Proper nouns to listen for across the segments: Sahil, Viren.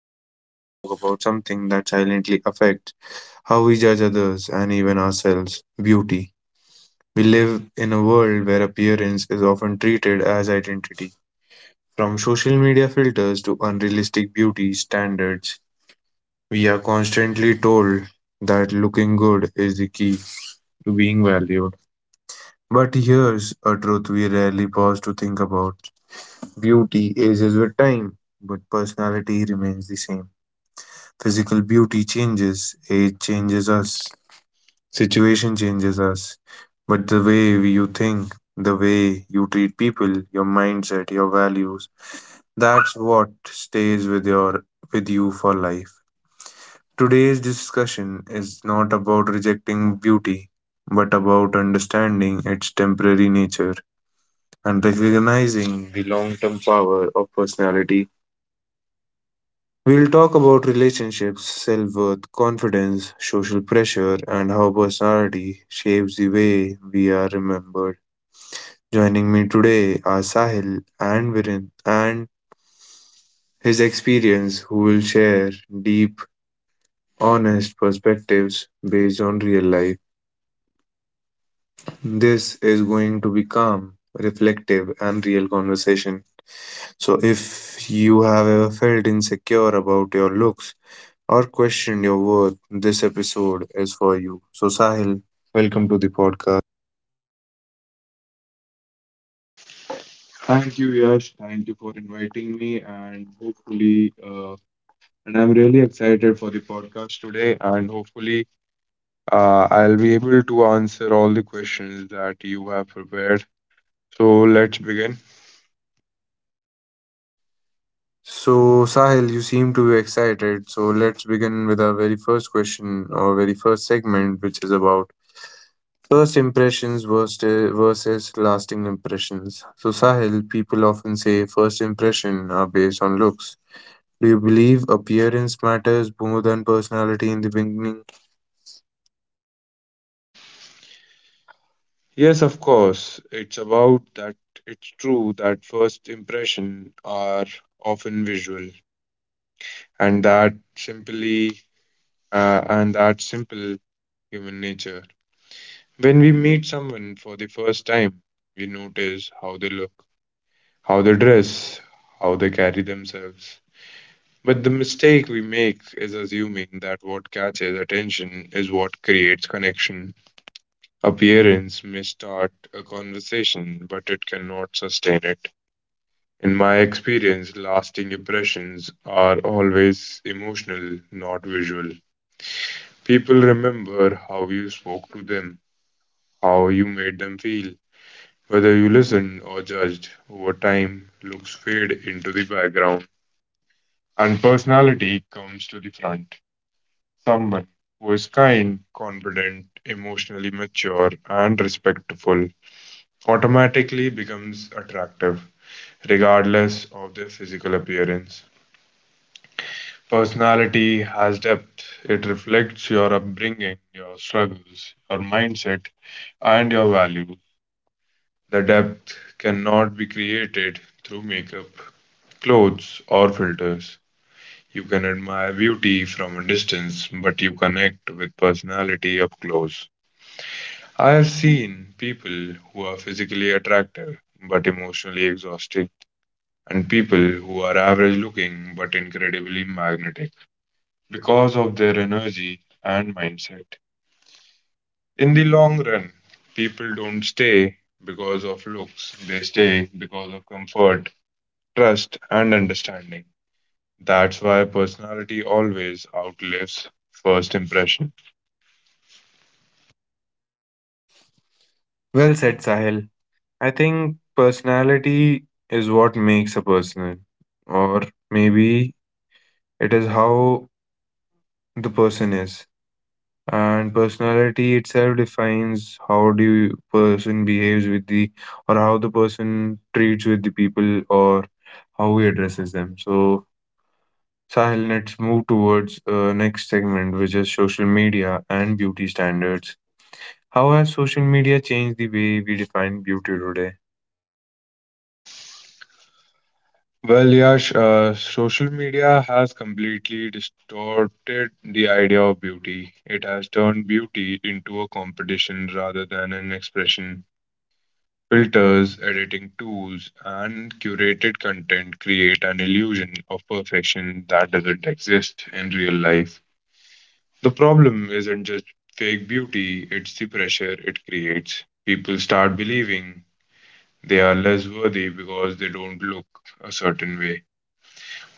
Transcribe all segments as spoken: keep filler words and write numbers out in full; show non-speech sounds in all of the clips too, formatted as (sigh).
we are going to talk about something that silently affects how we judge others and even ourselves: beauty. We live in a world where appearance is often treated as identity. From social media filters to unrealistic beauty standards, we are constantly told that looking good is the key to being valued. But here's a truth we rarely pause to think about. Beauty ages with time, but personality remains the same. Physical beauty changes, age changes us, situation changes us, but the way we- you think, the way you treat people, your mindset, your values, that's what stays with your with you for life. Today's discussion is not about rejecting beauty, but about understanding its temporary nature and recognizing the long-term power of personality. We'll talk about relationships, self worth, confidence, social pressure, and how personality shapes the way we are remembered. Joining me today are Sahil and Viren and his experience, who will share deep, honest perspectives based on real life. This is going to be calm, reflective, and real conversation. So, if you have ever felt insecure about your looks, or questioned your worth, this episode is for you. So, Sahil, welcome to the podcast. Thank you, Yash. Thank you for inviting me, and hopefully, uh, and I'm really excited for the podcast today. And hopefully, uh, I'll be able to answer all the questions that you have prepared. So let's begin. So, Sahil, you seem to be excited. So, let's begin with our very first question or very first segment, which is about first impressions versus versus lasting impressions. So, Sahil, people often say first impression are based on looks. Do you believe appearance matters more than personality in the beginning? Yes, of course. It's about that. It's true that first impression are often visual, and that simply, uh, and that simple human nature. When we meet someone for the first time, we notice how they look, how they dress, how they carry themselves. But the mistake we make is assuming that what catches attention is what creates connection. Appearance may start a conversation, but it cannot sustain it. In my experience, lasting impressions are always emotional, not visual. People remember how you spoke to them, how you made them feel, whether you listened or judged. Over time, looks fade into the background and personality comes to the front. Someone who is kind, confident, emotionally mature, and respectful automatically becomes attractive, regardless of their physical appearance. Personality has depth. It reflects your upbringing, your struggles, your mindset, and your value. The depth cannot be created through makeup, clothes, or filters. You can admire beauty from a distance, but you connect with personality up close. I have seen people who are physically attractive but emotionally exhausting, and people who are average looking but incredibly magnetic because of their energy and mindset. In the long run, people don't stay because of looks. They stay because of comfort, trust, and understanding. That's why personality always outlives first impression. Well said, Sahil. I think personality is what makes a person, or maybe it is how the person is. And personality itself defines how do you person behaves with the, or how the person treats with the people, or how he addresses them. So, Sahil, let's move towards uh, next segment, which is social media and beauty standards. How has social media changed the way we define beauty today? Well, Yash, uh, social media has completely distorted the idea of beauty. It has turned beauty into a competition rather than an expression. Filters, editing tools, and curated content create an illusion of perfection that doesn't exist in real life. The problem isn't just fake beauty, it's the pressure it creates. People start believing they are less worthy because they don't look a certain way.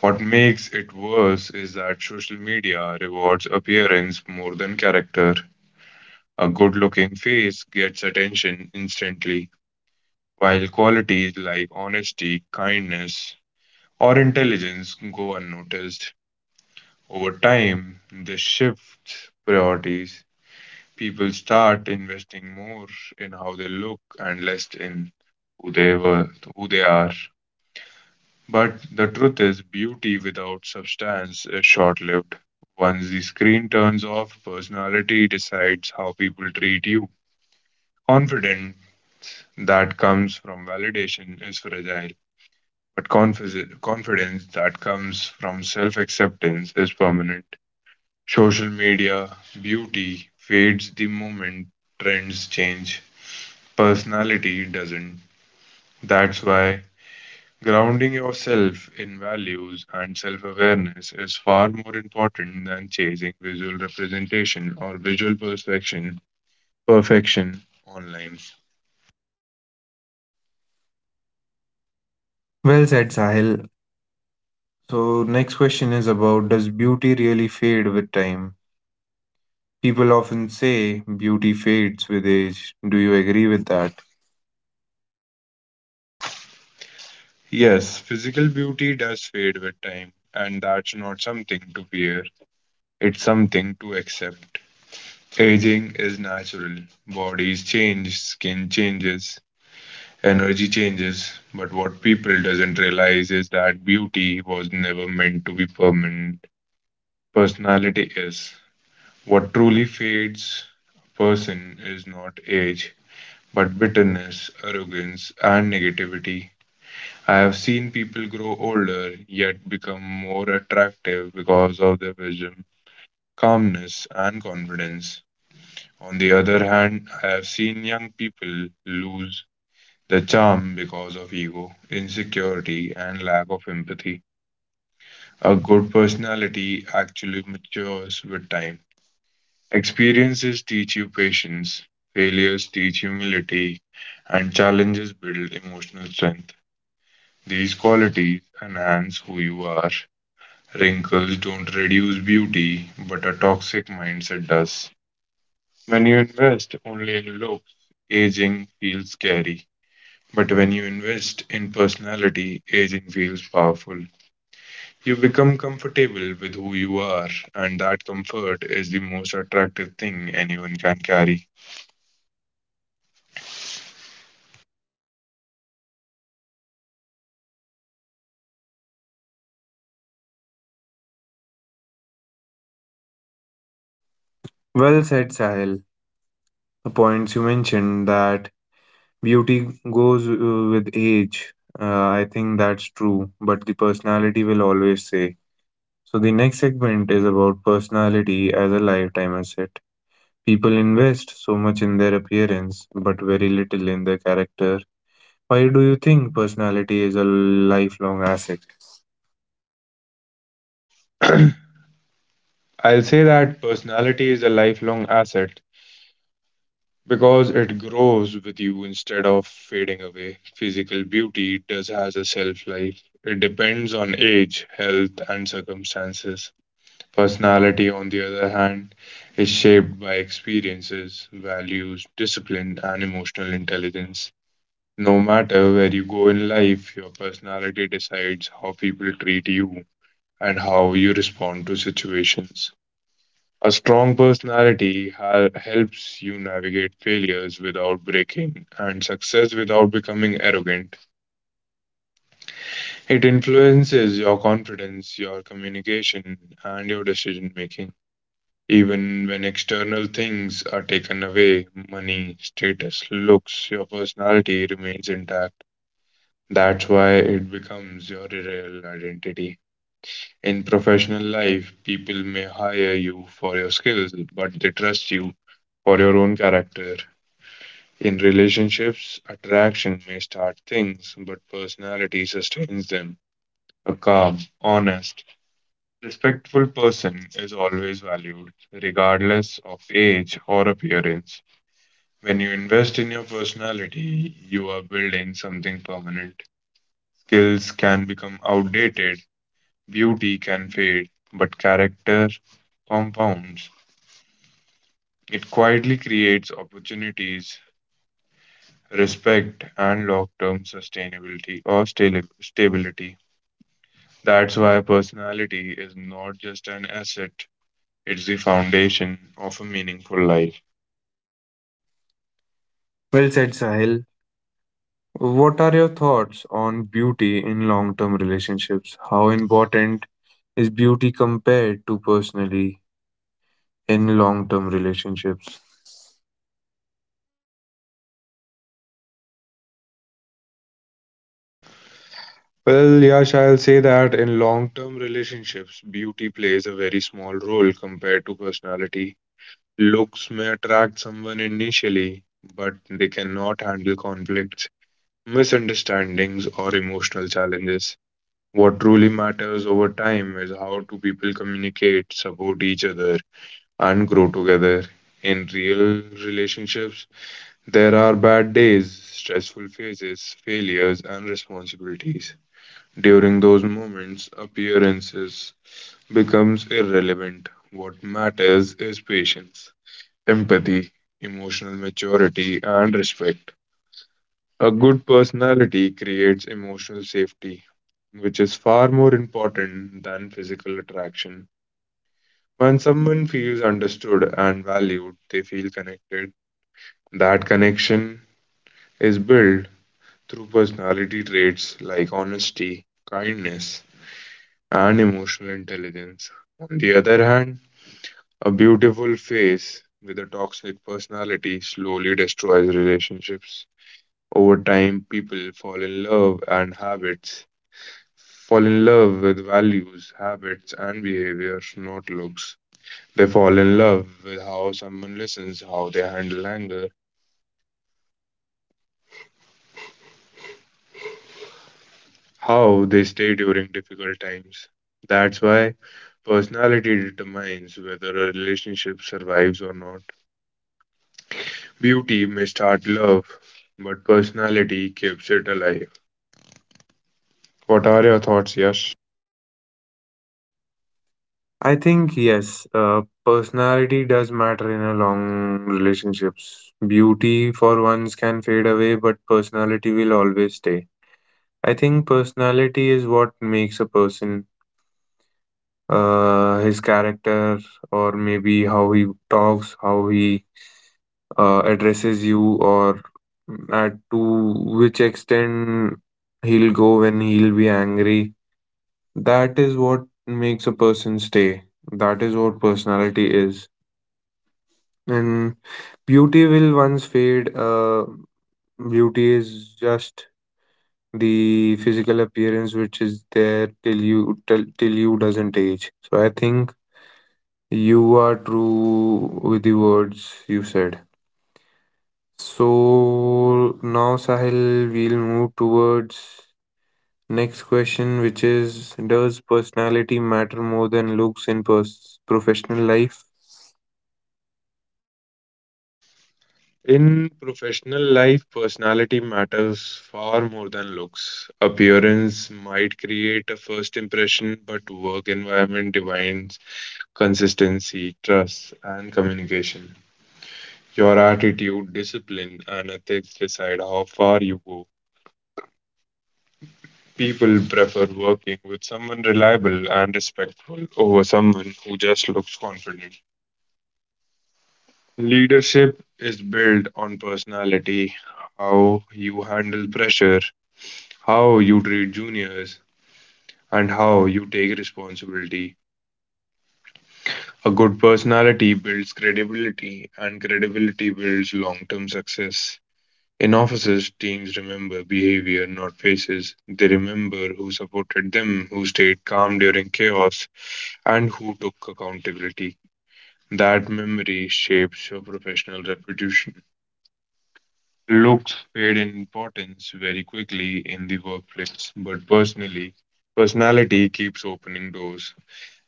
What makes it worse is that social media rewards appearance more than character. A good looking face gets attention instantly, while qualities like honesty, kindness, or intelligence go unnoticed. Over time, this shifts priorities. People start investing more in how they look and less in who they were, who they are. But the truth is, beauty without substance is short lived. Once the screen turns off, personality decides how people treat you. Confidence that comes from validation is fragile, but confi- confidence that comes from self acceptance is permanent. Social media beauty fades the moment trends change, personality doesn't. That's why grounding yourself in values and self awareness is far more important than chasing visual representation or visual perfection, perfection online. Well said, Sahil. So, next question is about: does beauty really fade with time? People often say beauty fades with age. Do you agree with that? Yes, physical beauty does fade with time, and that's not something to fear, it's something to accept. Aging is natural. Bodies change, skin changes, energy changes, but what people doesn't realize is that beauty was never meant to be permanent. Personality is. What truly fades a person is not age, but bitterness, arrogance, and negativity. I have seen people grow older yet become more attractive because of their wisdom, calmness, and confidence. On the other hand, I have seen young people lose their charm because of ego, insecurity, and lack of empathy. A good personality actually matures with time. Experiences teach you patience, failures teach humility, and challenges build emotional strength. These qualities enhance who you are. Wrinkles don't reduce beauty, but a toxic mindset does. When you invest only in looks, aging feels scary. But when you invest in personality, aging feels powerful. You become comfortable with who you are, and that comfort is the most attractive thing anyone can carry. Well said, Sahil. The points you mentioned, that beauty goes uh, with age. Uh, I think that's true, but the personality will always stay. So, the next segment is about personality as a lifetime asset. People invest so much in their appearance, but very little in their character. Why do you think personality is a lifelong asset? (clears throat) I'll say that personality is a lifelong asset because it grows with you instead of fading away. Physical beauty does has a shelf life. It depends on age, health, and circumstances. Personality, on the other hand, is shaped by experiences, values, discipline, and emotional intelligence. No matter where you go in life, your personality decides how people treat you and how you respond to situations. A strong personality ha- helps you navigate failures without breaking and success without becoming arrogant. It influences your confidence, your communication, and your decision making. Even when external things are taken away, money, status, looks, your personality remains intact. That's why it becomes your real identity. In professional life, people may hire you for your skills, but they trust you for your own character. In relationships, attraction may start things, but personality sustains them. A calm, honest, respectful person is always valued, regardless of age or appearance. When you invest in your personality, you are building something permanent. Skills can become outdated, beauty can fade, but character compounds. It quietly creates opportunities, respect, and long term sustainability or stali- stability. That's why personality is not just an asset, it's the foundation of a meaningful life. Well said, Sahil. What are your thoughts on beauty in long term relationships? How important is beauty compared to personally in long term relationships? Well, Yash, I'll say that in long term relationships, beauty plays a very small role compared to personality. Looks may attract someone initially, but they cannot handle conflicts, misunderstandings, or emotional challenges. What truly matters over time is how do people communicate, support each other, and grow together. In real relationships, there are bad days, stressful phases, failures, and responsibilities. During those moments, appearances becomes irrelevant. What matters is patience, empathy, emotional maturity, and respect. A good personality creates emotional safety, which is far more important than physical attraction. When someone feels understood and valued, they feel connected. That connection is built through personality traits like honesty, kindness, and emotional intelligence. On the other hand, a beautiful face with a toxic personality slowly destroys relationships. Over time, people fall in love and habits fall in love with values, habits, and behavior, not looks. They fall in love with how someone listens, how they handle anger, how they stay during difficult times. That's why personality determines whether a relationship survives or not. Beauty may start love, but personality keeps it alive. What are your thoughts, Yash? I think, yes, uh, personality does matter in a long relationships. Beauty for once can fade away, but personality will always stay. I think personality is what makes a person, uh, his character, or maybe how he talks, how he uh, addresses you, or at to which extent he'll go when he'll be angry. That is what makes a person stay. That is what personality is. And beauty will once fade. Uh, beauty is just the physical appearance which is there till you till, till you doesn't age. So I think you are true with the words you said. So now, Sahil, we'll move towards next question, which is: does personality matter more than looks in pers- professional life? In professional life, personality matters far more than looks. Appearance might create a first impression, but work environment defines consistency, trust, and communication. Your attitude, discipline, and ethics decide how far you go. People prefer working with someone reliable and respectful over someone who just looks confident. Leadership is built on personality, how you handle pressure, how you treat juniors, and how you take responsibility. A good personality builds credibility, and credibility builds long term success. In offices, teams remember behavior, not faces. They remember who supported them, who stayed calm during chaos, and who took accountability. That memory shapes your professional reputation. Looks fade in importance very quickly in the workplace, but personally, personality keeps opening doors.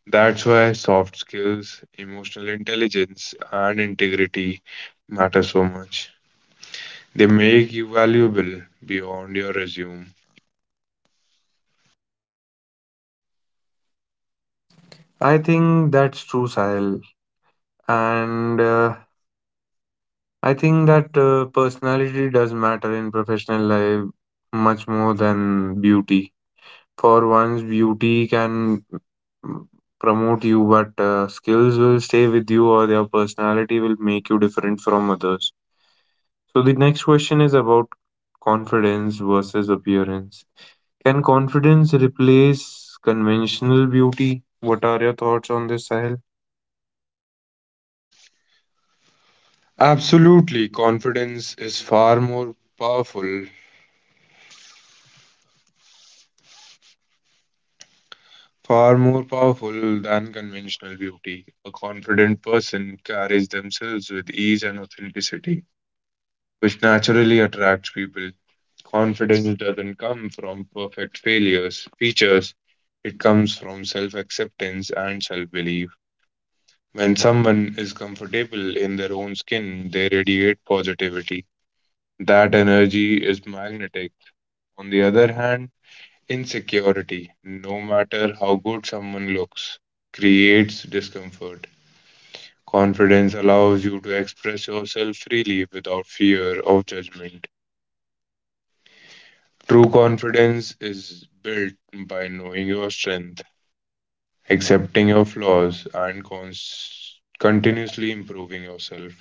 That's why soft skills, emotional intelligence, and integrity matter so much. They make you valuable beyond your resume. I think that's true, Sahil. And uh, I think that uh, personality does matter in professional life much more than beauty. For once, beauty can, mm, promote you, but uh, skills will stay with you, or their personality will make you different from others. So the next question is about confidence versus appearance. Can confidence replace conventional beauty? What are your thoughts on this, Sahil? Absolutely, confidence is far more powerful, far more powerful than conventional beauty. A confident person carries themselves with ease and authenticity, which naturally attracts people. Confidence doesn't come from perfect failures, features. It comes from self acceptance and self belief. When someone is comfortable in their own skin, they radiate positivity. That energy is magnetic. On the other hand, insecurity, no matter how good someone looks, creates discomfort. Confidence allows you to express yourself freely without fear of judgment. True confidence is built by knowing your strength, accepting your flaws, and cons- continuously improving yourself.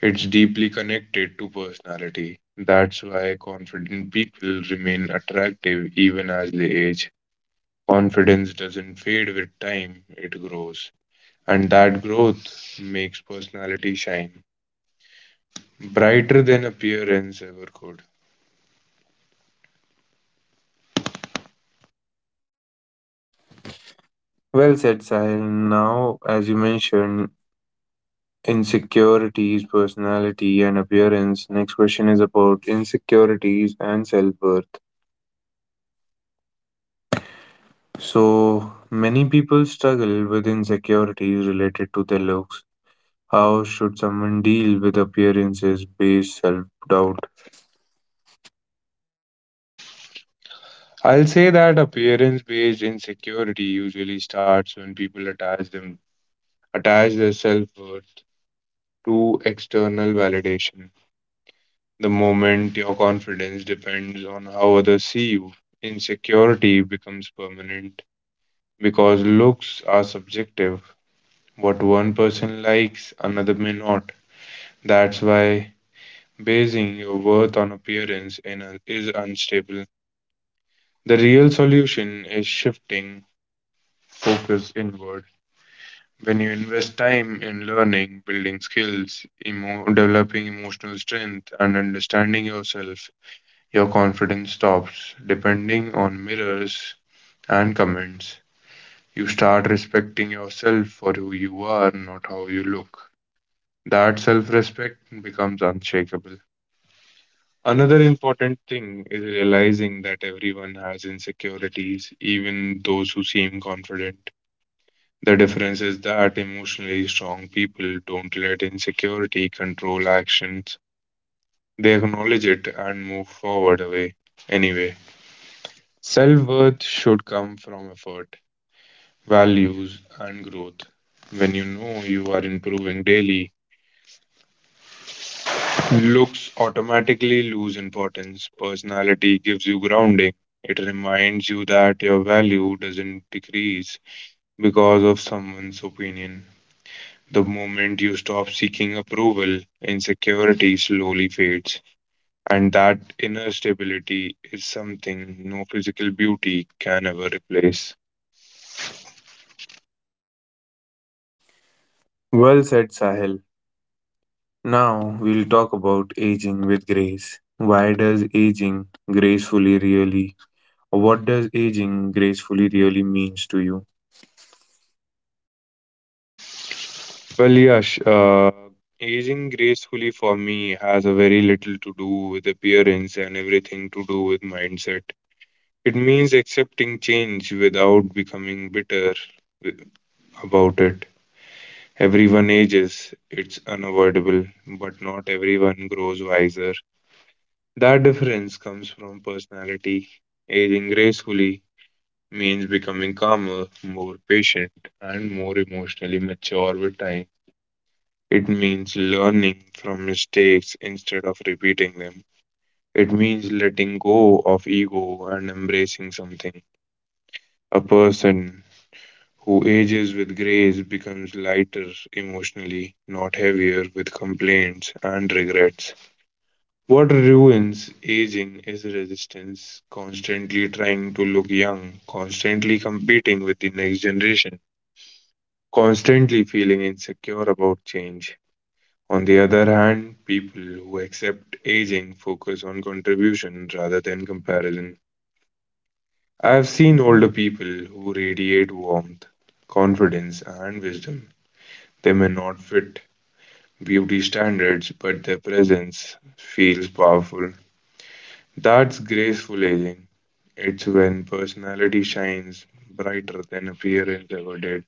It's deeply connected to personality. That's why confident people remain attractive even as they age. Confidence doesn't fade with time, it grows. And that growth makes personality shine brighter than appearance ever could. Well said, Sahil. Now, as you mentioned insecurities, personality and appearance, next question is about insecurities and self-worth. So many people struggle with insecurities related to their looks. How should someone deal with appearances based self doubt? I'll say that appearance-based insecurity usually starts when people attach them attach their self-worth to external validation. The moment your confidence depends on how others see you, insecurity becomes permanent because looks are subjective. What one person likes, another may not. That's why basing your worth on appearance in a, is unstable. The real solution is shifting focus inward. When you invest time in learning, building skills, emo- developing emotional strength, and understanding yourself, your confidence stops depending on mirrors and comments. You start respecting yourself for who you are, not how you look. That self respect becomes unshakable. Another important thing is realizing that everyone has insecurities, even those who seem confident. The difference is that emotionally strong people don't let insecurity control actions. They acknowledge it and move forward away anyway. Self worth should come from effort, values, and growth. When you know you are improving daily, looks automatically lose importance. Personality gives you grounding. It reminds you that your value doesn't decrease because of someone's opinion. The moment you stop seeking approval, insecurity slowly fades, and that inner stability is something no physical beauty can ever replace. Well said, Sahil. Now we'll talk about aging with grace. Why does aging gracefully really, or what does aging gracefully really means to you? Well, Yash, uh, aging gracefully for me has a very little to do with appearance and everything to do with mindset. It means accepting change without becoming bitter wi- about it. Everyone ages, it's unavoidable, but not everyone grows wiser. That difference comes from personality. Aging gracefully means becoming calmer, more patient, and more emotionally mature with time. It means learning from mistakes instead of repeating them. It means letting go of ego and embracing something. A person who ages with grace becomes lighter emotionally, not heavier with complaints and regrets. What ruins aging is resistance, constantly trying to look young, constantly competing with the next generation, constantly feeling insecure about change. On the other hand, people who accept aging focus on contribution rather than comparison. I have seen older people who radiate warmth, confidence, and wisdom. They may not fit beauty standards, but their presence feels powerful. That's graceful aging. It's when personality shines brighter than appearance ever did.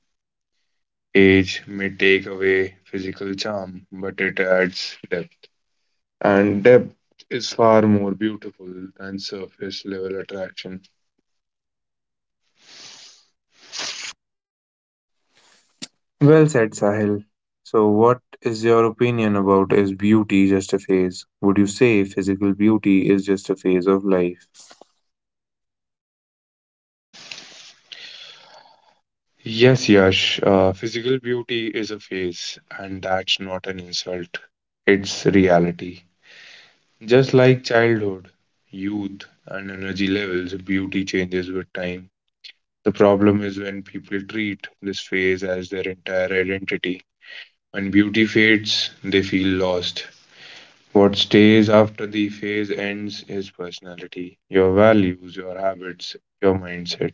Age may take away physical charm, but it adds depth. And depth is far more beautiful than surface level attraction. Well said, Sahil. So, what is your opinion about: is beauty just a phase? Would you say physical beauty is just a phase of life? Yes, Yash, uh, physical beauty is a phase, and that's not an insult. It's reality. Just like childhood, youth, and energy levels, beauty changes with time. The problem is when people treat this phase as their entire identity. When beauty fades, they feel lost. What stays after the phase ends is personality, your values, your habits, your mindset.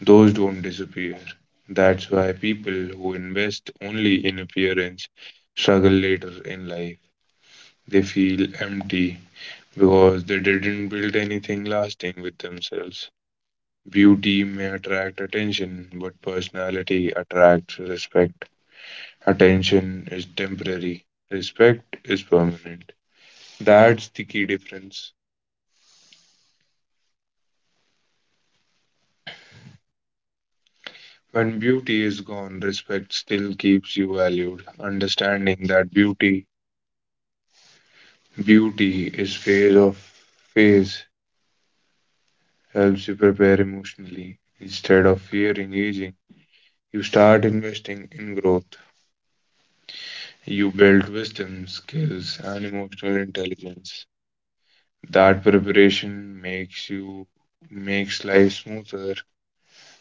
Those don't disappear. That's why people who invest only in appearance struggle later in life. They feel empty because they didn't build anything lasting with themselves. Beauty may attract attention, but personality attracts respect. Attention is temporary, respect is permanent. That's the key difference. When beauty is gone, respect still keeps you valued. Understanding that beauty, beauty is phase of phase, helps you prepare emotionally. Instead of fearing aging, you start investing in growth. You build wisdom, skills, and emotional intelligence. That preparation makes you makes life smoother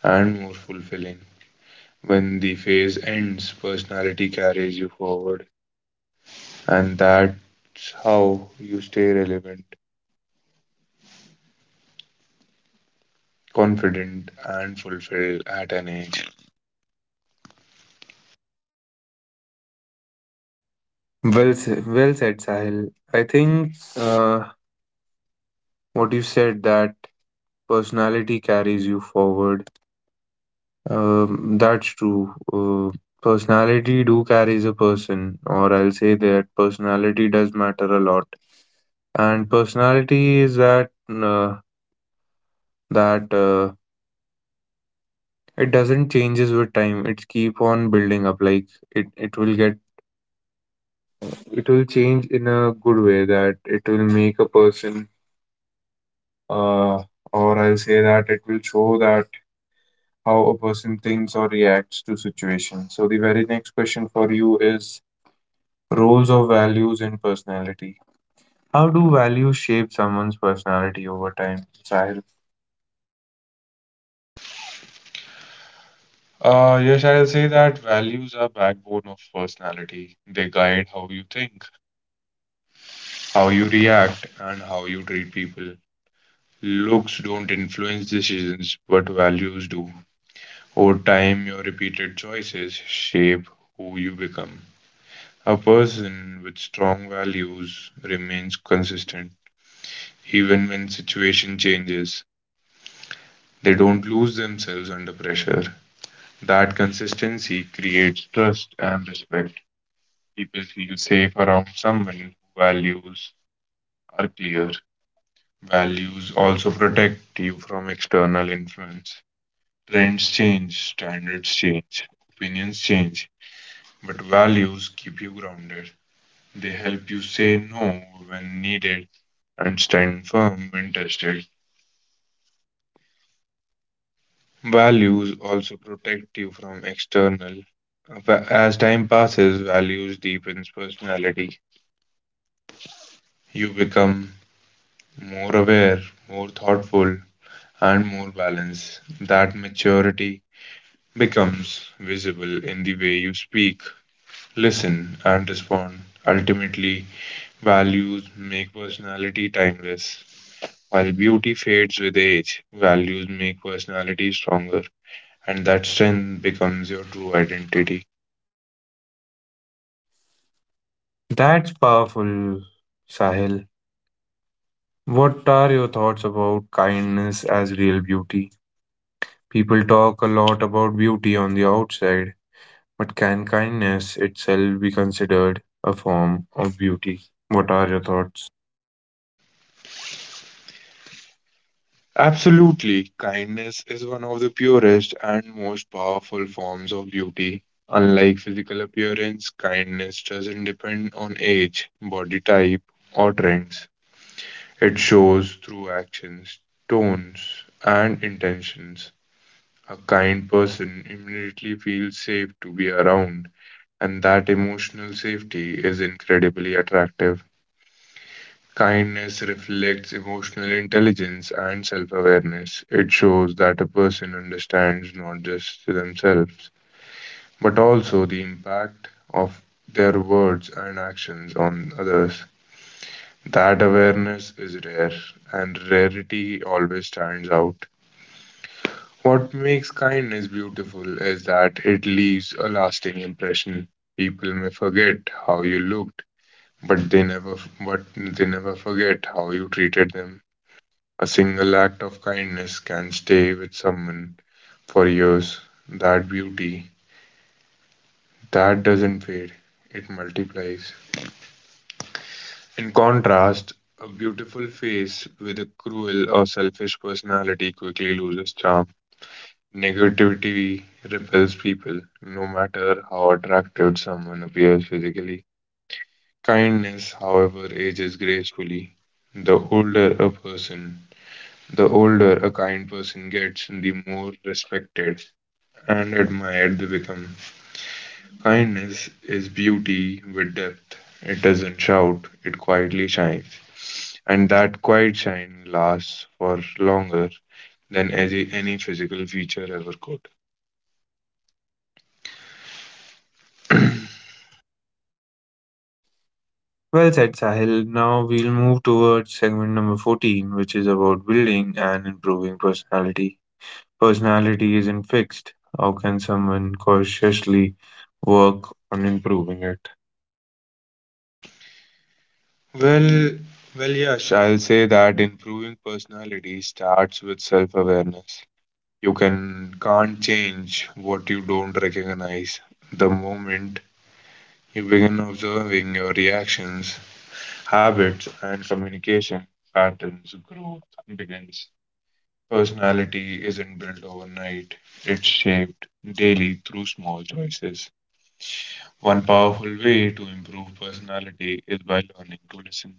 and more fulfilling. When the phase ends, personality carries you forward, and that's how you stay relevant, confident, and fulfilled at an age. Well, s- well said, Sahil. I think uh, what you said, that personality carries you forward. Um, that's true. Uh, personality do carries a person, or I'll say that personality does matter a lot. And personality is that uh, that uh, it doesn't changes with time. It keep on building up. Like it, it will get, it will change in a good way, that it will make a person. Uh, or I'll say that it will show that how a person thinks or reacts to situations. So the very next question for you is roles of values and personality. How do values shape someone's personality over time, Sahil? Uh, yes, I'll say that values are backbone of personality. They guide how you think, how you react, and how you treat people. Looks don't influence decisions, but values do. Over time, your repeated choices shape who you become. A person with strong values remains consistent even when situation changes. They don't lose themselves under pressure. That consistency creates trust and respect. People feel safe around someone whose values are clear. Values also protect you from external influence. Trends change, standards change, opinions change, but values keep you grounded. They help you say no when needed and stand firm when tested. Values also protect you from external. Va- As time passes, values deepens personality. You become more aware, more thoughtful, and more balanced. That maturity becomes visible in the way you speak, listen, and respond. Ultimately, values make personality timeless. While beauty fades with age, values make personality stronger, and that strength becomes your true identity. That's powerful, Sahil. What are your thoughts about kindness as real beauty? People talk a lot about beauty on the outside, but can kindness itself be considered a form of beauty? What are your thoughts? Absolutely, kindness is one of the purest and most powerful forms of beauty. Unlike physical appearance, kindness doesn't depend on age, body type, or trends. It shows through actions, tones, and intentions. A kind person immediately feels safe to be around and that emotional safety is incredibly attractive. Kindness reflects emotional intelligence and self awareness. It shows that a person understands not just themselves, but also the impact of their words and actions on others. That awareness is rare, and rarity always stands out. What makes kindness beautiful is that it leaves a lasting impression. People may forget how you looked, but they never, but they never forget how you treated them. A single act of kindness can stay with someone for years. That beauty, that doesn't fade, it multiplies. In contrast, a beautiful face with a cruel or selfish personality quickly loses charm. Negativity repels people, no matter how attractive someone appears physically. Kindness, however, ages gracefully. The older a person, The older a kind person gets, the more respected and admired they become. Kindness is beauty with depth. It doesn't shout, it quietly shines. And that quiet shine lasts for longer than any, any physical feature ever could. (clears throat) Well said, Sahil. Now we'll move towards segment number fourteen, which is about building and improving personality. Personality isn't fixed. How can someone consciously work on improving it? Well, well, Yash, I'll say that improving personality starts with self-awareness. You can can't change what you don't recognize. The moment you begin observing your reactions, habits, and communication patterns. Growth begins. Personality isn't built overnight, it's shaped daily through small choices. One powerful way to improve personality is by learning to listen.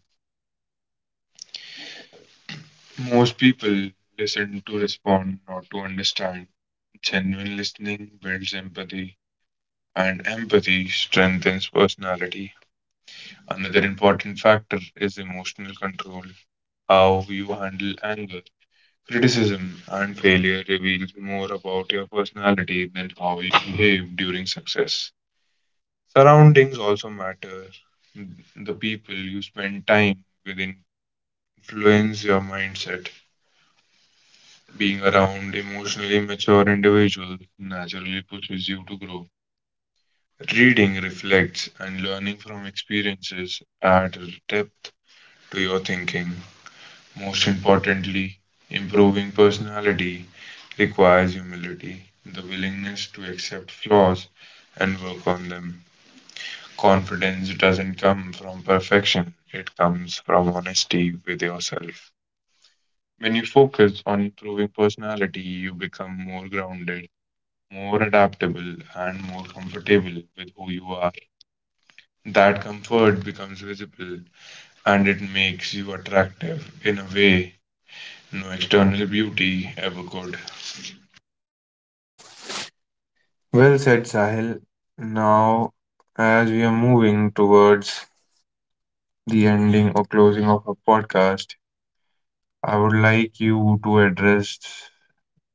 Most people listen to respond, not to understand. Genuine listening builds empathy, and empathy strengthens personality. Another important factor is emotional control. How you handle anger, criticism, and failure reveals more about your personality than how you behave during success. Surroundings also matter. The people you spend time with influence your mindset. Being around emotionally mature individuals naturally pushes you to grow. Reading reflects and learning from experiences add depth to your thinking. Most importantly, improving personality requires humility, the willingness to accept flaws and work on them. Confidence doesn't come from perfection, it comes from honesty with yourself. When you focus on improving personality, you become more grounded, more adaptable, and more comfortable with who you are. That comfort becomes visible and it makes you attractive in a way no external beauty ever could. Well said, Sahil. Now, as we are moving towards the ending or closing of our podcast, I would like you to address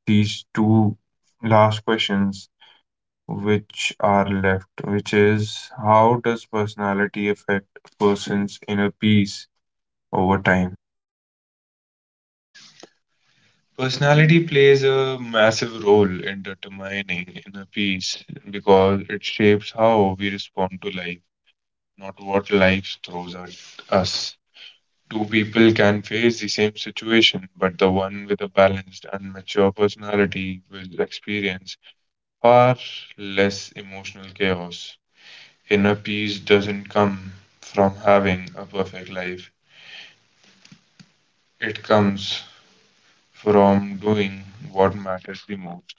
these two last questions which are left, which is: how does personality affect a person's inner peace over time? Personality plays a massive role in determining inner peace because it shapes how we respond to life, not what life throws at us. Two people can face the same situation, but the one with a balanced and mature personality will experience far less emotional chaos. Inner peace doesn't come from having a perfect life, it comes from doing what matters the most.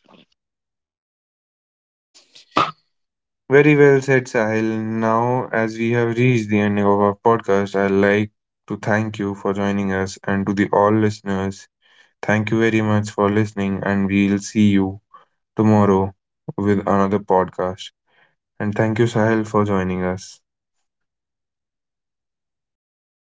Very well said, Sahil. Now, as we have reached the end of our podcast, I'd like to thank you for joining us, and to the all listeners, thank you very much for listening, and we'll see you tomorrow with another podcast. And thank you, Sahil, for joining us.